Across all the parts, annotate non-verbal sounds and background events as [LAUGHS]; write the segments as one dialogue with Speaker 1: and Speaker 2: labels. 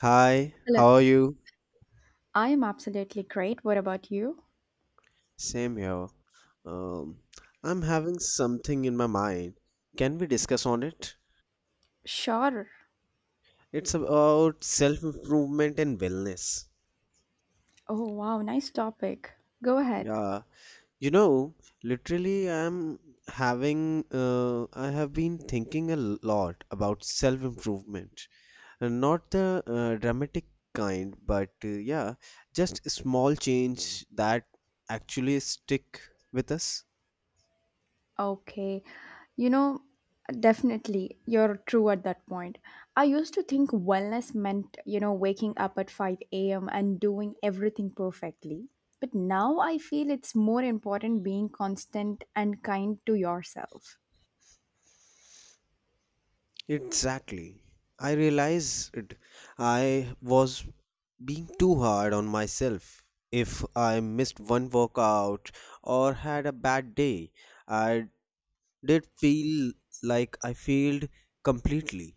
Speaker 1: Hi,
Speaker 2: Hello.
Speaker 1: how are you?
Speaker 2: I am absolutely great. What about you?
Speaker 1: Same here. Um, I'm having something in my mind. Can we discuss on it?
Speaker 2: Sure.
Speaker 1: It's about self-improvement and wellness.
Speaker 2: Oh, wow. Nice topic. Go ahead.
Speaker 1: Yeah, you know, literally I have been thinking a lot about self-improvement. And not the dramatic kind, but yeah, just small change that actually stick with us.
Speaker 2: Okay. You know, definitely you're true at that point. I used to think wellness meant, you know, waking up at 5 a.m. and doing everything perfectly. But now I feel it's more important being constant and kind to yourself.
Speaker 1: Exactly. I realized I was being too hard on myself. If I missed one workout or had a bad day, I did feel like I failed completely.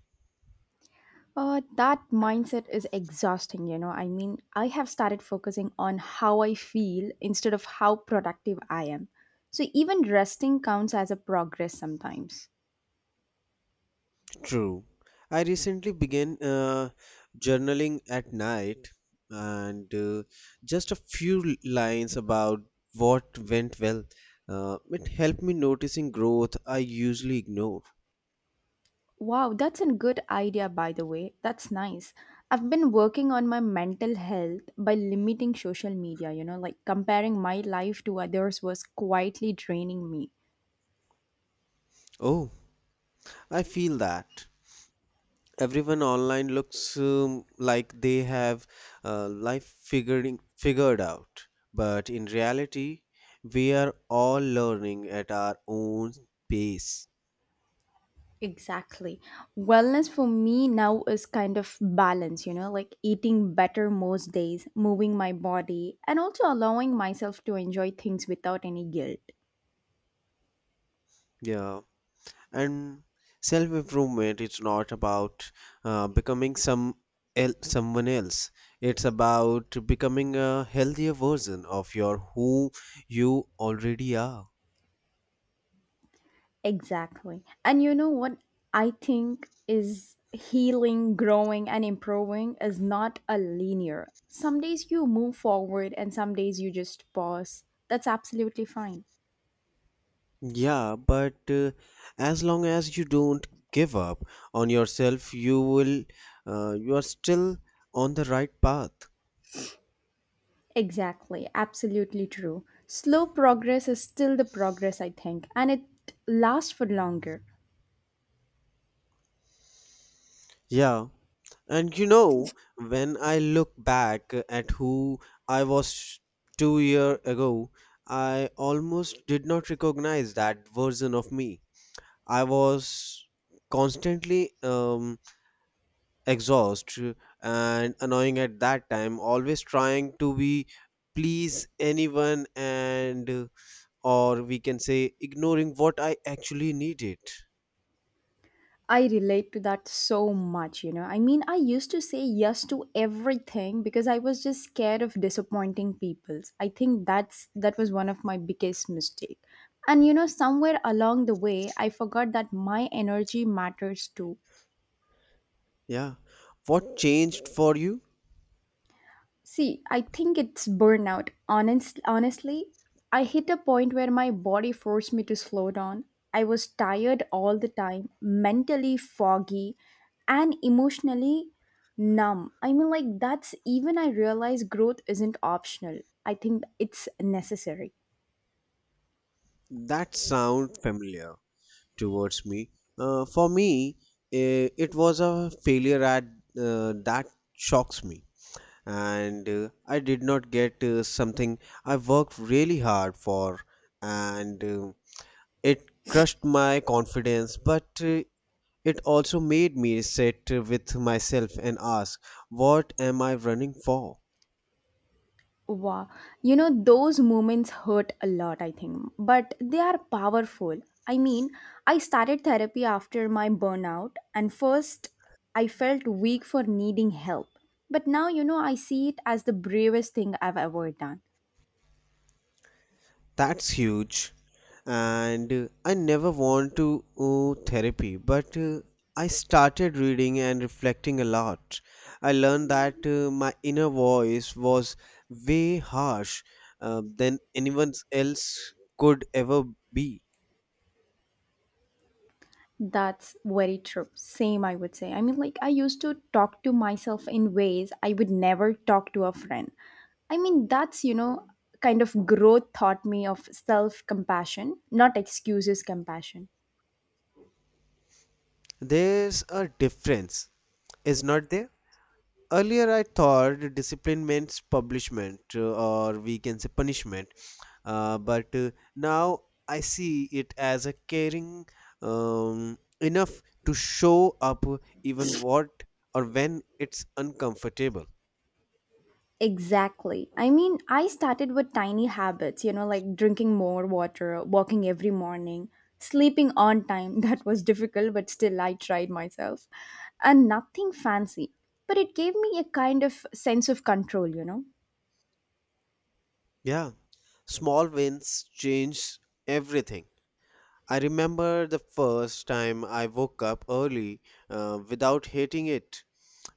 Speaker 2: That mindset is exhausting, you know. I mean, I have started focusing on how I feel instead of how productive I am. So even resting counts as a progress sometimes.
Speaker 1: True. I recently began journaling at night and just a few lines about what went well. It helped me noticing growth I usually ignore.
Speaker 2: Wow, that's a good idea, by the way. That's nice. I've been working on my mental health by limiting social media, you know, like comparing my life to others was quietly draining me.
Speaker 1: Oh, I feel that everyone online looks like they have life figuring figured out, but in reality, we are all learning at our own pace.
Speaker 2: Exactly. Wellness for me now is kind of balance, you know, like eating better most days, moving my body, and also allowing myself to enjoy things without any guilt.
Speaker 1: Yeah, and self improvement is not about becoming some someone else. It's about becoming a healthier version of your who you already are.
Speaker 2: Exactly. And you know what I think is healing, growing, and improving is not a linear. Some days you move forward, and some days you just pause. That's absolutely fine.
Speaker 1: Yeah, but as long as you don't give up on yourself, you are still on the right path.
Speaker 2: Exactly, absolutely true. Slow progress is still the progress, I think, and it lasts for longer.
Speaker 1: Yeah. And when I look back at who I was 2 year ago, I almost did not recognize that version of me. I was constantly exhaust and annoying at that time, always trying to be please anyone and or we can say ignoring what I actually needed.
Speaker 2: I relate to that so much, you know. I mean, I used to say yes to everything because I was just scared of disappointing people. I think that was one of my biggest mistake. And you know, somewhere along the way, I forgot that my energy matters too.
Speaker 1: Yeah, what changed for you?
Speaker 2: See, I think it's burnout. Honestly, I hit a point where my body forced me to slow down. I was tired all the time, mentally foggy, and emotionally numb. I mean, like, that's even I realized growth isn't optional. I think it's necessary.
Speaker 1: That sound familiar towards me. For me, it was a failure at that shocks me. And I did not get something I worked really hard for. And it crushed my confidence, but it also made me sit with myself and ask, what am I running for?
Speaker 2: Wow. You know, those moments hurt a lot, I think, but they are powerful. I mean, I started therapy after my burnout, and first I felt weak for needing help. But now, you know, I see it as the bravest thing I've ever done.
Speaker 1: That's huge. And I never want to therapy, but I started reading and reflecting a lot. I learned that my inner voice was way harsh than anyone else could ever be.
Speaker 2: That's very true. Same, I would say. I mean, like, I used to talk to myself in ways I would never talk to a friend. I mean, that's, you know, kind of growth taught me of self compassion, not excuses compassion.
Speaker 1: There's a difference, is not there? Earlier, I thought the discipline meant publishment or we can say punishment, but now I see it as a caring enough to show up even what or when it's uncomfortable.
Speaker 2: Exactly. I mean, I started with tiny habits, you know, like drinking more water, walking every morning, sleeping on time. [LAUGHS] That was difficult, but still I tried myself. And nothing fancy. But it gave me a kind of sense of control, you know.
Speaker 1: Yeah, small wins change everything. I remember the first time I woke up early without hating it,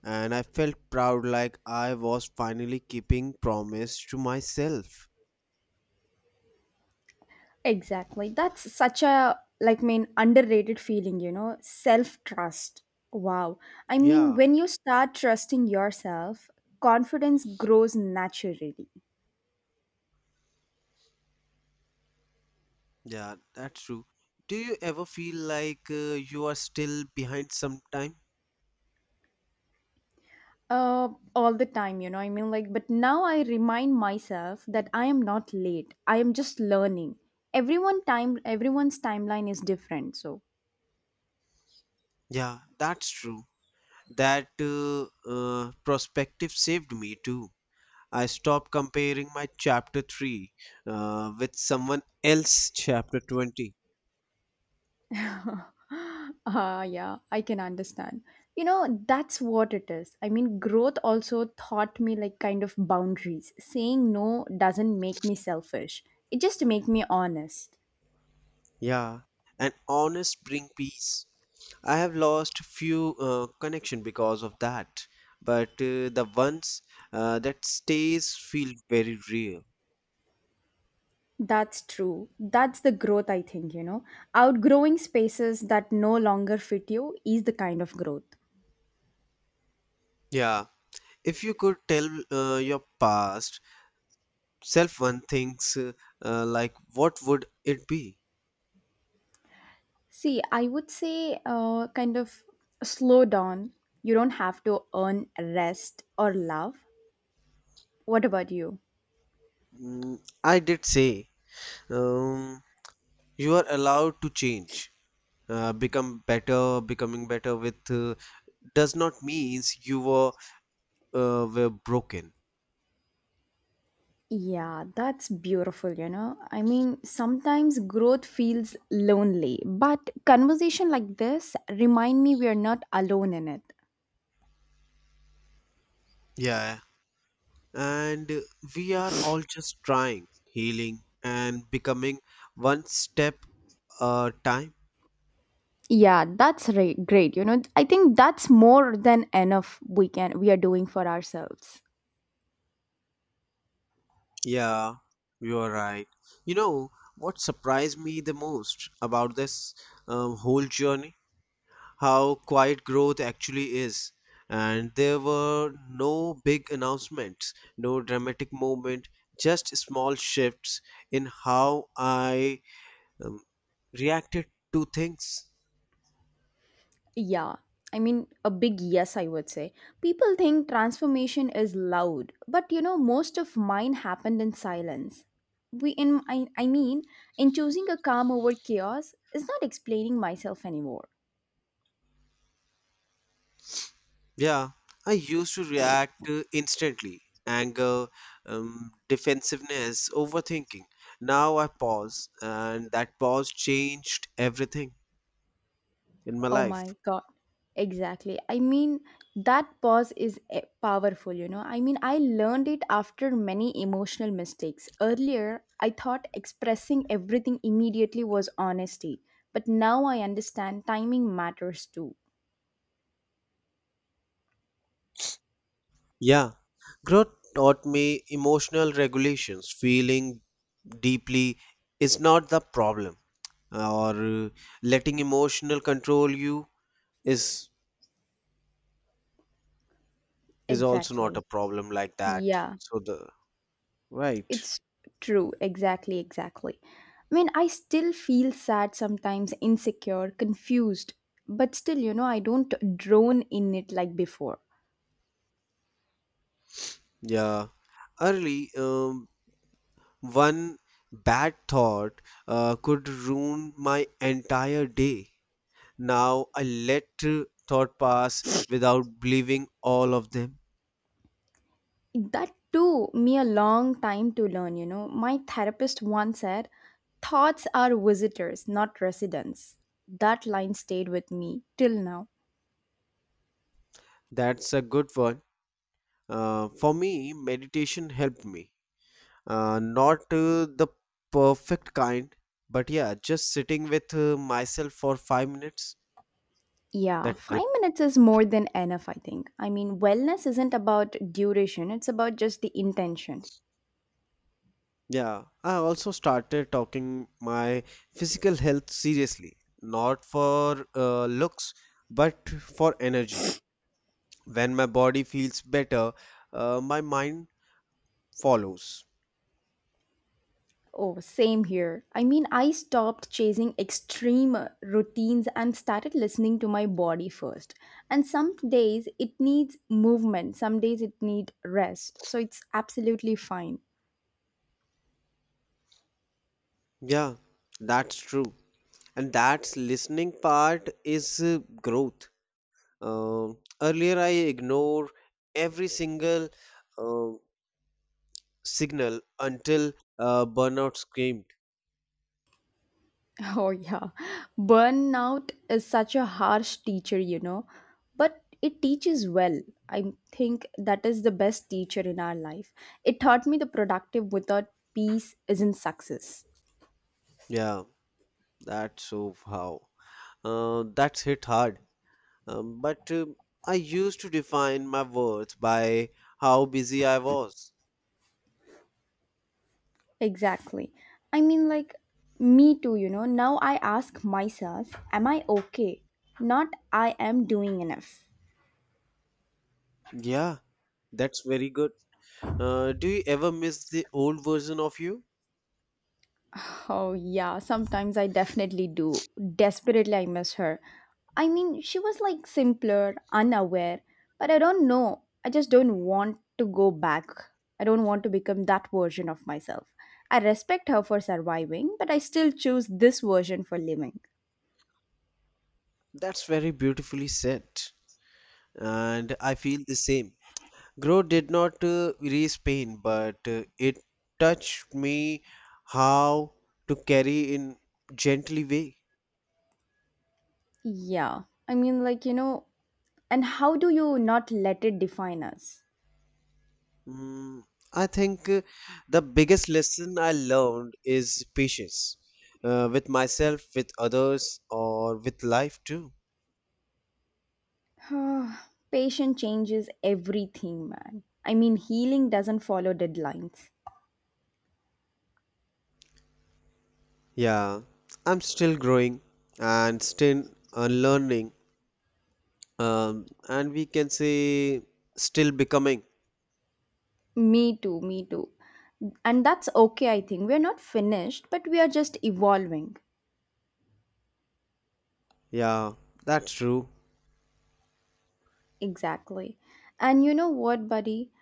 Speaker 1: and I felt proud like I was finally keeping promise to myself.
Speaker 2: Exactly. That's such a like mean underrated feeling, you know, self-trust. Wow. I mean,
Speaker 1: Yeah,
Speaker 2: when you start trusting yourself, confidence grows naturally.
Speaker 1: yeah, that's true. Do you ever feel like you are still behind sometime?
Speaker 2: Uh, all the time, you know. I mean, like, but now I remind myself that I am not late. I am just learning. Everyone time, everyone's timeline is different. So,
Speaker 1: Yeah, that's true. That perspective saved me too. I stopped comparing my chapter 3 with someone else's chapter 20.
Speaker 2: [GASPS] yeah, I can understand. You know, that's what it is. I mean, growth also taught me like kind of boundaries. Saying no doesn't make me selfish. It just make me honest.
Speaker 1: Yeah, and honest bring peace. I have lost few connection because of that, but the ones that stays feel very real.
Speaker 2: That's true. That's the growth, I think, you know. Outgrowing spaces that no longer fit you is the kind of growth.
Speaker 1: Yeah, if you could tell your past self one things, like what would it be?
Speaker 2: See, I would say kind of slow down. You don't have to earn rest or love. What about you?
Speaker 1: I did say um, you are allowed to change, become better. Becoming better with does not means you were broken.
Speaker 2: Yeah, that's beautiful, you know. I mean, sometimes growth feels lonely, but conversation like this remind me we are not alone in it.
Speaker 1: Yeah, and we are all just trying, healing, and becoming one step a time.
Speaker 2: Yeah, that's right, great. You know, I think that's more than enough we can we are doing for ourselves.
Speaker 1: Yeah, you're right. You know, what surprised me the most about this whole journey? How quiet growth actually is. And there were no big announcements, no dramatic moment, just small shifts in how I um, reacted to things.
Speaker 2: Yeah, I mean, a big yes, I would say. People think transformation is loud, but you know, most of mine happened in silence. We, in I mean, in choosing a calm over chaos is not explaining myself anymore.
Speaker 1: Yeah, I used to react instantly, anger, defensiveness, overthinking. Now I pause, and that pause changed everything in my
Speaker 2: Oh
Speaker 1: life.
Speaker 2: my god. Exactly. I mean, that pause is powerful, you know. I mean, I learned it after many emotional mistakes. Earlier, I thought expressing everything immediately was honesty, but now I understand timing matters too.
Speaker 1: Yeah, growth taught me emotional regulations. Feeling deeply is not the problem, or letting emotional control you is is also not a
Speaker 2: Exactly.
Speaker 1: problem like that.
Speaker 2: Yeah,
Speaker 1: So the right,
Speaker 2: it's true. Exactly, exactly. I mean, I still feel sad sometimes, insecure, confused, but still, you know, I don't drone in it like before.
Speaker 1: yeah, early, one bad thought could ruin my entire day. Now I let thought pass without believing all of them.
Speaker 2: That took me a long time to learn, you know. My therapist once said, thoughts are visitors, not residents. That line stayed with me till now.
Speaker 1: That's a good one. For me, meditation helped me. Not the perfect kind, but yeah, just sitting with myself for 5 minutes
Speaker 2: Yeah,
Speaker 1: that
Speaker 2: five
Speaker 1: helped.
Speaker 2: minutes is more than enough, I think. I mean, wellness isn't about duration, it's about just the intention.
Speaker 1: Yeah, I also started talking my physical health seriously, not for looks, but for energy. When my body feels better, my mind follows.
Speaker 2: Oh, same here. I mean, I stopped chasing extreme routines and started listening to my body first. And some days it needs movement, some days it needs rest. So it's absolutely fine. [LAUGHS]
Speaker 1: Yeah, that's true. And that's listening part is growth. Earlier, I ignore every single uh, signal until burnout screamed.
Speaker 2: Oh yeah. Burnout is such a harsh teacher, you know, but it teaches well. I think that is the best teacher in our life. It taught me the productive without peace isn't success.
Speaker 1: Yeah, that's so how. That's hit hard. But I used to define my worth by how busy I was.
Speaker 2: Exactly. I mean, like, me too, you know. Now I ask myself, am I okay? Not, I am doing enough.
Speaker 1: Yeah, that's very good. Do you ever miss the old version of you?
Speaker 2: Oh, yeah, sometimes I definitely do. Desperately, I miss her. I mean, she was like simpler, unaware, but I don't know. I just don't want to go back. I don't want to become that version of myself. I respect her for surviving, but I still choose this version for living.
Speaker 1: That's very beautifully said. And I feel the same. Growth did not erase pain, but it touched me how to carry in gently way.
Speaker 2: Yeah. I mean, like, you know, and how do you not let it define us?
Speaker 1: Mm, I think the biggest lesson I learned is patience with myself, with others, or with life too.
Speaker 2: [SIGHS] Patient changes everything, man. I mean, healing doesn't follow deadlines.
Speaker 1: Yeah, I'm still growing and still unlearning, and we can say still becoming.
Speaker 2: Me too, me too. And that's okay, I think. We're not finished, but we are just evolving.
Speaker 1: Yeah, that's true.
Speaker 2: Exactly. And you know what, buddy?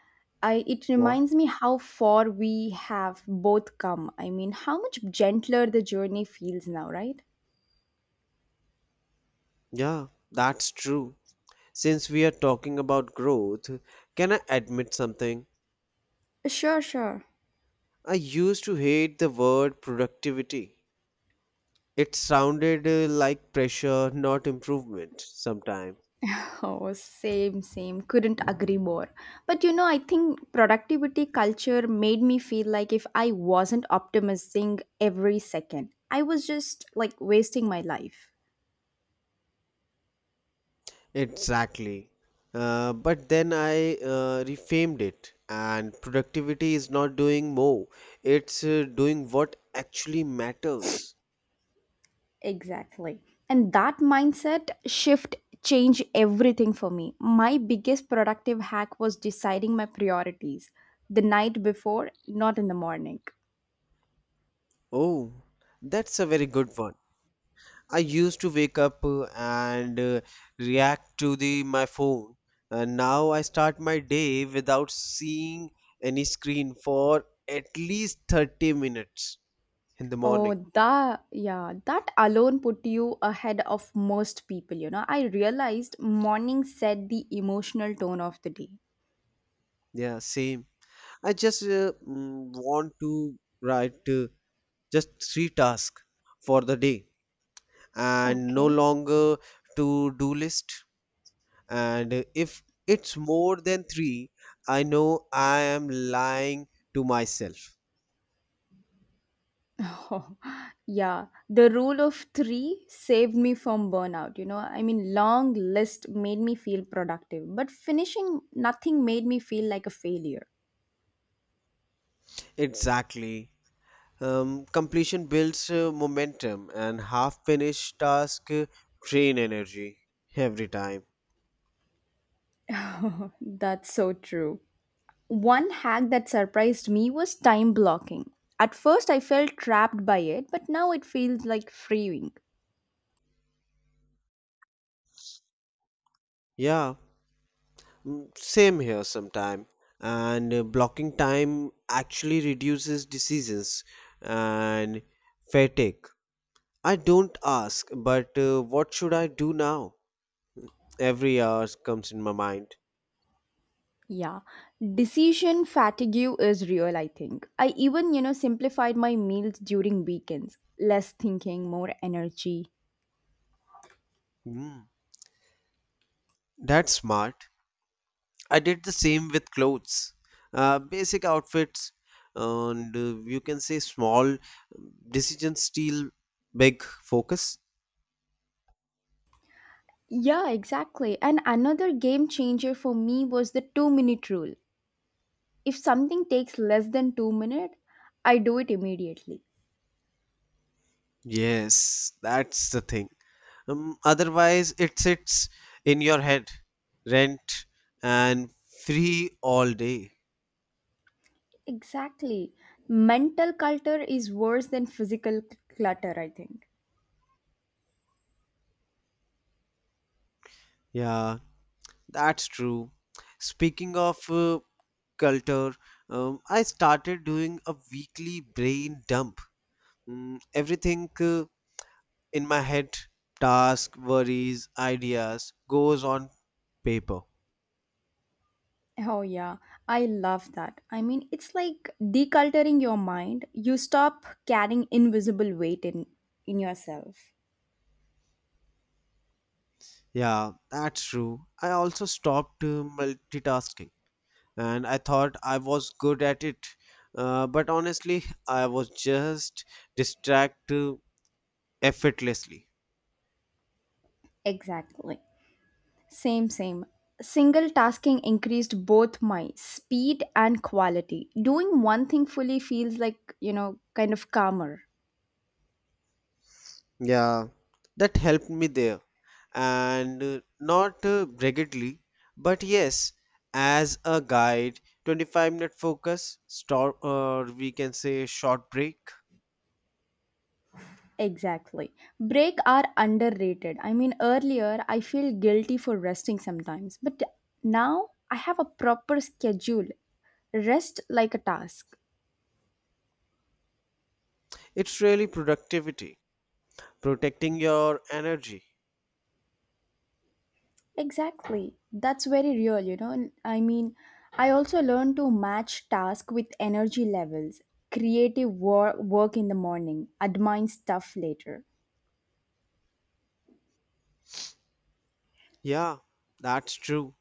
Speaker 2: It
Speaker 1: What?
Speaker 2: reminds me how far we have both come. I mean, how much gentler the journey feels now, right?
Speaker 1: Yeah, that's true. Since we are talking about growth, can I admit something?
Speaker 2: Sure, sure.
Speaker 1: I used to hate the word productivity. It sounded like pressure, not improvement, sometime.
Speaker 2: Oh, same, same. Couldn't agree more. But you know, I think productivity culture made me feel like if I wasn't optimizing every second, I was just like wasting my life.
Speaker 1: Exactly. But then I reframed it, and productivity is not doing more, it's doing what actually matters.
Speaker 2: Exactly. And that mindset shift changed everything for me. My biggest productive hack was deciding my priorities the night before, not in the morning.
Speaker 1: Oh, that's a very good one. I used to wake up and react to the my phone, and now I start my day without seeing any screen for at least 30 minutes in the
Speaker 2: Oh,
Speaker 1: morning.
Speaker 2: yeah, that alone put you ahead of most people, you know. I realized morning set the emotional tone of the day.
Speaker 1: Yeah, same. I just want to write just three tasks for the day and no
Speaker 2: Okay.
Speaker 1: longer to do list. And if it's more than three, I know I am lying to myself.
Speaker 2: Oh, [LAUGHS] yeah, the rule of 3 saved me from burnout, you know. I mean, long list made me feel productive, but finishing nothing made me feel like a failure.
Speaker 1: Exactly. Completion builds momentum and half finished task drain energy every time.
Speaker 2: [LAUGHS] That's so true. One hack that surprised me was time blocking. At first, I felt trapped by it, but now it feels like freeing.
Speaker 1: Yeah. Same here sometime. And blocking time actually reduces diseases and fatigue. I don't ask, but what should I do now? Every hour comes in my mind.
Speaker 2: Yeah, decision fatigue is real, I think. I even, you know, simplified my meals during weekends. Less thinking, more energy.
Speaker 1: Mm, that's smart. I did the same with clothes, basic outfits, and you can say small decisions steal big focus.
Speaker 2: Yeah, exactly. And another game changer for me was the 2 minute rule. If something takes less than 2 minutes, I do it immediately.
Speaker 1: Yes, that's the thing. Otherwise, it sits in your head, rent and free all day.
Speaker 2: Exactly. Mental clutter is worse than physical clutter, I think.
Speaker 1: Yeah, that's true. Speaking of culture, I started doing a weekly brain dump. Everything in my head, task, worries, ideas, goes on paper.
Speaker 2: Oh, yeah, I love that. I mean, it's like deculturing your mind. You stop carrying invisible weight in yourself.
Speaker 1: Yeah, that's true. I also stopped multitasking, and I thought I was good at it. But honestly, I was just distracted effortlessly.
Speaker 2: Exactly. Same, same. Single tasking increased both my speed and quality. Doing one thing fully feels like, you know, kind of calmer.
Speaker 1: Yeah, that helped me there. And not rigidly, but yes, as a guide, 25-minute focus, stop, or we can say short break.
Speaker 2: Exactly. Break are underrated. I mean, earlier I feel guilty for resting sometimes, but now I have a proper schedule. Rest like a task.
Speaker 1: It's really productivity, protecting your energy.
Speaker 2: Exactly. That's very real, you know. I mean, I also learned to match task with energy levels, creative work in the morning, admin stuff later. [LAUGHS]
Speaker 1: Yeah, that's true.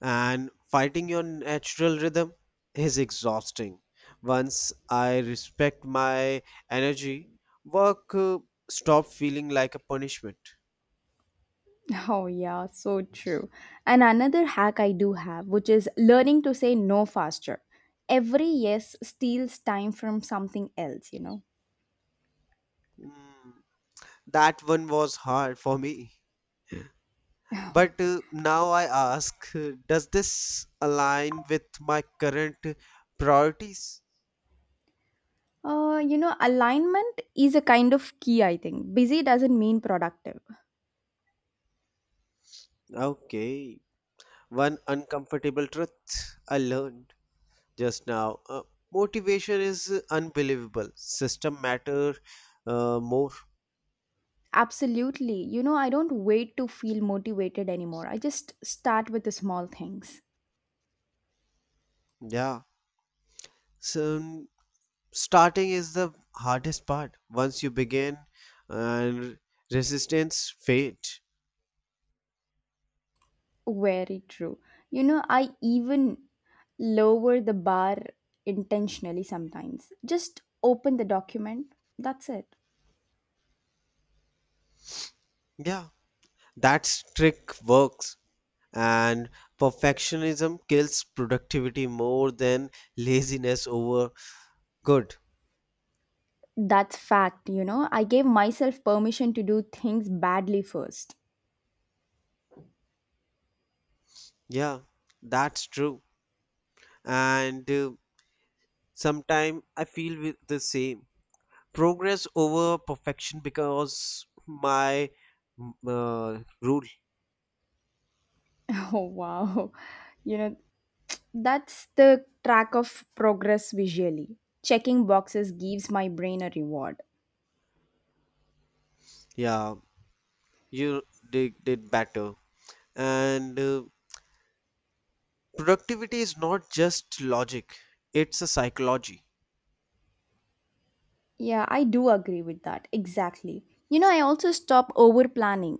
Speaker 1: And fighting your natural rhythm is exhausting. Once I respect my energy, work stopped feeling like a punishment.
Speaker 2: Oh, yeah, so true. And another hack I do have, which is learning to say no faster. Every yes steals time from something else, you know.
Speaker 1: Mm, that one was hard for me. But now I ask, does this align with my current priorities?
Speaker 2: You know, alignment is a kind of key, I think. Busy doesn't mean productive.
Speaker 1: Okay, one uncomfortable truth I learned just now. Motivation is unbelievable. System matter more.
Speaker 2: Absolutely. You know, I don't wait to feel motivated anymore. I just start with the small things.
Speaker 1: Yeah. So starting is the hardest part. Once you begin, and resistance fade.
Speaker 2: Very true. You know, I even lower the bar intentionally sometimes. Just open the document. That's it.
Speaker 1: Yeah, that trick works. And perfectionism kills productivity more than laziness over good.
Speaker 2: That's fact, you know. I gave myself permission to do things badly first. [LAUGHS]
Speaker 1: Yeah, that's true. And sometimes I feel with the same progress over perfection because my rule.
Speaker 2: Oh, wow. You know, that's the track of progress visually. Checking boxes gives my brain a reward.
Speaker 1: Yeah, you did better. And productivity is not just logic, it's a psychology.
Speaker 2: Yeah, I do agree with that. Exactly. You know, I also stop over planning.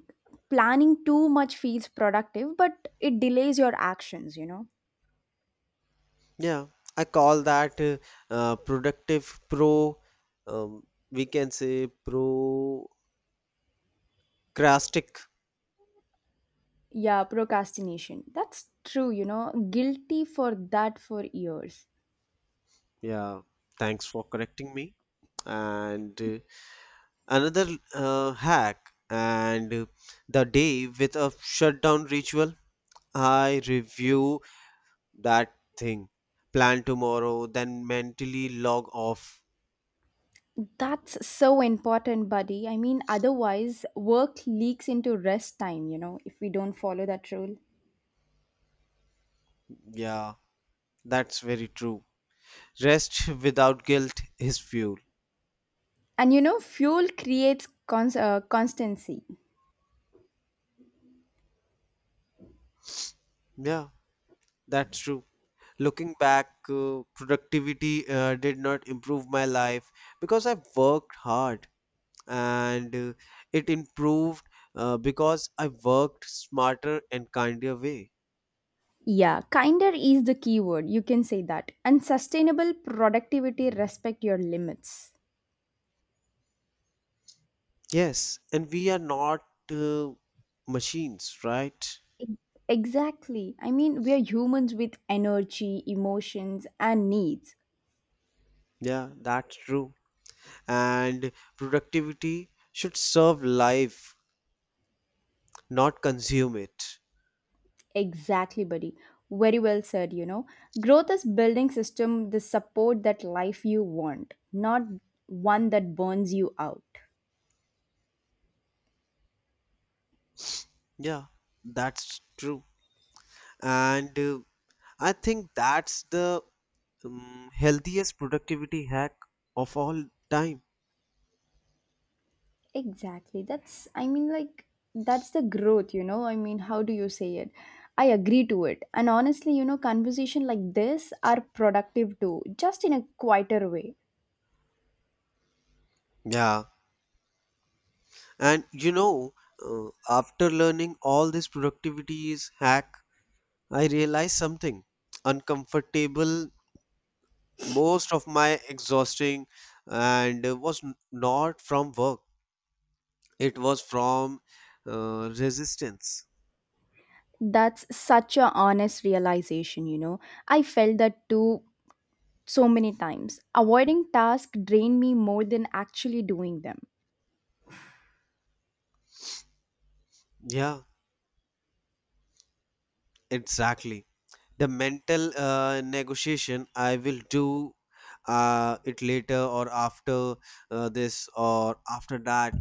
Speaker 2: Planning too much feels productive, but it delays your actions, you know.
Speaker 1: Yeah, I call that productive pro, um, we can say procrastic.
Speaker 2: Yeah, procrastination. That's true, you know. Guilty for that for years.
Speaker 1: Yeah, thanks for correcting me. And another hack, and the day with a shutdown ritual. I review that thing, plan tomorrow, then mentally log off.
Speaker 2: That's so important, buddy. I mean, otherwise, work leaks into rest time, you know, if we don't follow that rule.
Speaker 1: Yeah, that's very true. Rest without guilt is fuel.
Speaker 2: And you know, fuel creates constancy.
Speaker 1: Yeah, that's true. Looking back, productivity did not improve my life because I worked hard, and it improved because I worked smarter and kinder way.
Speaker 2: Yeah, kinder is the key word. You can say that. And sustainable productivity respect your limits.
Speaker 1: Yes, and we are not uh, machines, right?
Speaker 2: E- Exactly. I mean, we are humans with energy, emotions, and needs.
Speaker 1: Yeah, that's true. And productivity should serve life, not consume it.
Speaker 2: Exactly, buddy. Very well said, you know. Growth is building system the support that life you want, not one that burns you out.
Speaker 1: Yeah, that's true. And I think that's the healthiest productivity hack of all time.
Speaker 2: Exactly. That's the growth, you know? I mean, how do you say it? I agree to it. And honestly, you know, conversation like this are productive too, just in a quieter way.
Speaker 1: Yeah, and after learning all this productivity is hack, I realized something uncomfortable. Most of my exhausting and was not from work. It was from resistance.
Speaker 2: That's such a honest realization, you know? I felt that too so many times. Avoiding tasks drain me more than actually doing them.
Speaker 1: Yeah, exactly. The mental negotiation, I will do it later or after this or after that,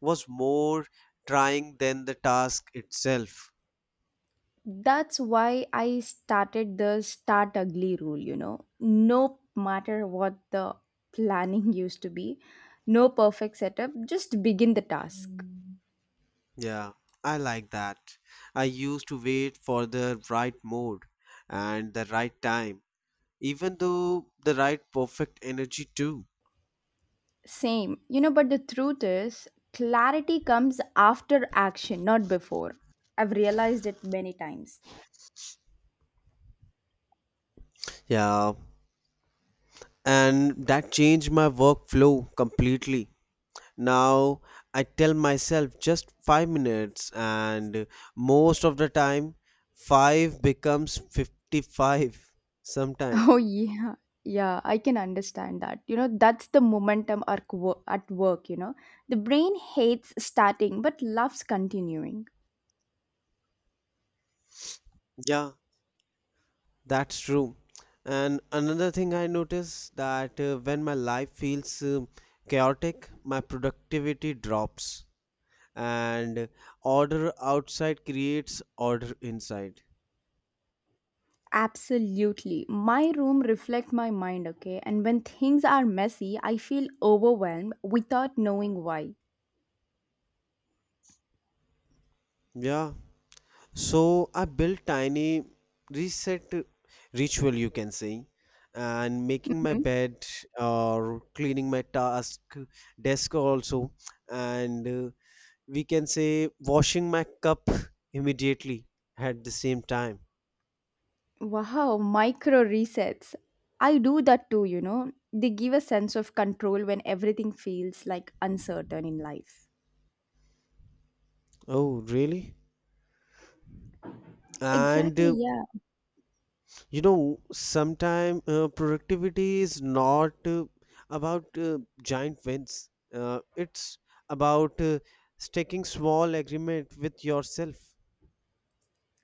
Speaker 1: was more trying than the task itself.
Speaker 2: That's why I started the start ugly rule, you know. No matter what the planning [LAUGHS] used to be, no perfect setup, just begin the task. Mm.
Speaker 1: Yeah, I like that. I used to wait for the right mood and the right time, even though the right perfect energy too.
Speaker 2: Same, you know, but the truth is, clarity comes after action, not before. I've realized it many times. [LAUGHS]
Speaker 1: Yeah, and that changed my workflow completely. Now I tell myself just 5 minutes, and most of the time 5 becomes 55 sometime.
Speaker 2: Oh, yeah. Yeah, I can understand that. You know, that's the momentum at work, you know. The brain hates starting but loves continuing.
Speaker 1: Yeah, that's true. And another thing I notice that when my life feels chaotic, my productivity drops, and order outside creates order inside.
Speaker 2: Absolutely. My room reflects my mind, okay? And when things are messy, I feel overwhelmed without knowing why.
Speaker 1: Yeah, so I built tiny reset ritual, you can say, and making my
Speaker 2: Mhm.
Speaker 1: bed or cleaning my task desk also, and we can say washing my cup immediately at the same time.
Speaker 2: Wow, micro resets. I do that too, you know. They give a sense of control when everything feels like uncertain in life.
Speaker 1: Oh, really? And
Speaker 2: Exactly, yeah.
Speaker 1: sometime productivity is not about giant wins. It's about taking small agreement with yourself.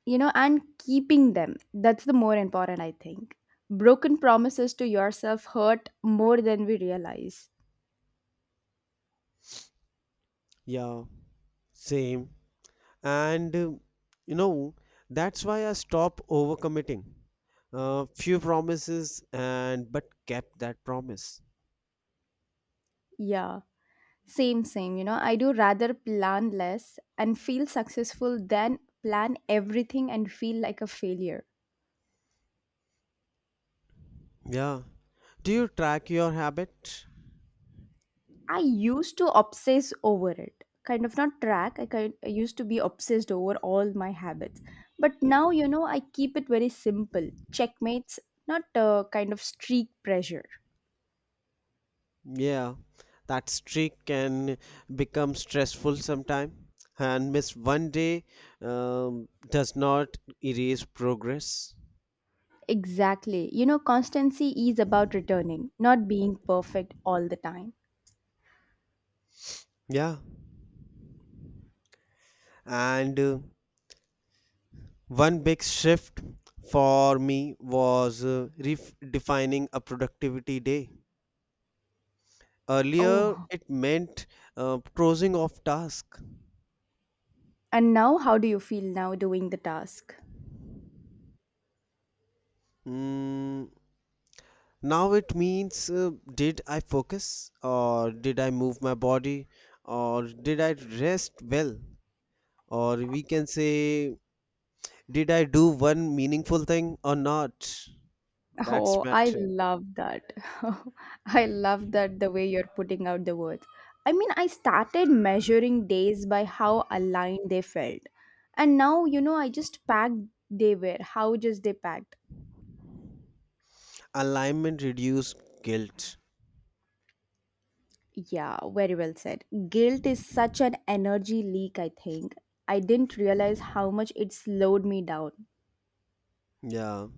Speaker 2: You know, and keeping them. That's the more important, I think. Broken promises to yourself hurt more than we realize.
Speaker 1: Yeah, same. And you know, that's why I stopped overcommitting. Few promises and but kept that promise.
Speaker 2: Yeah. Same, same. You know, I do rather plan less and feel successful than plan everything and feel like a failure.
Speaker 1: Yeah. Do you track your habit?
Speaker 2: I used to obsess over it. Kind of not track. I used to be obsessed over all my habits. But now, you know, I keep it very simple. Checkmates, not a kind of streak pressure.
Speaker 1: Yeah. That streak can become stressful sometime, and miss one day does not erase progress.
Speaker 2: Exactly. You know, constancy is about returning, not being perfect all the time.
Speaker 1: Yeah. And one big shift for me was redefining a productivity day. Earlier,
Speaker 2: Oh.
Speaker 1: it meant closing off task.
Speaker 2: And now, how do you feel now doing the task?
Speaker 1: Mm, now it means did I focus, or did I move my body, or did I rest well, or we can say did I do one meaningful thing or not? That's
Speaker 2: Oh, I
Speaker 1: matter.
Speaker 2: love that. [LAUGHS] I love that the way you're putting out the words. I mean, I started measuring days by how aligned they felt. And now, you know, I just packed they were, how just they packed.
Speaker 1: Alignment reduced guilt.
Speaker 2: Yeah, very well said. Guilt is such an energy leak, I think. I didn't realize how much it slowed me down.
Speaker 1: Yeah.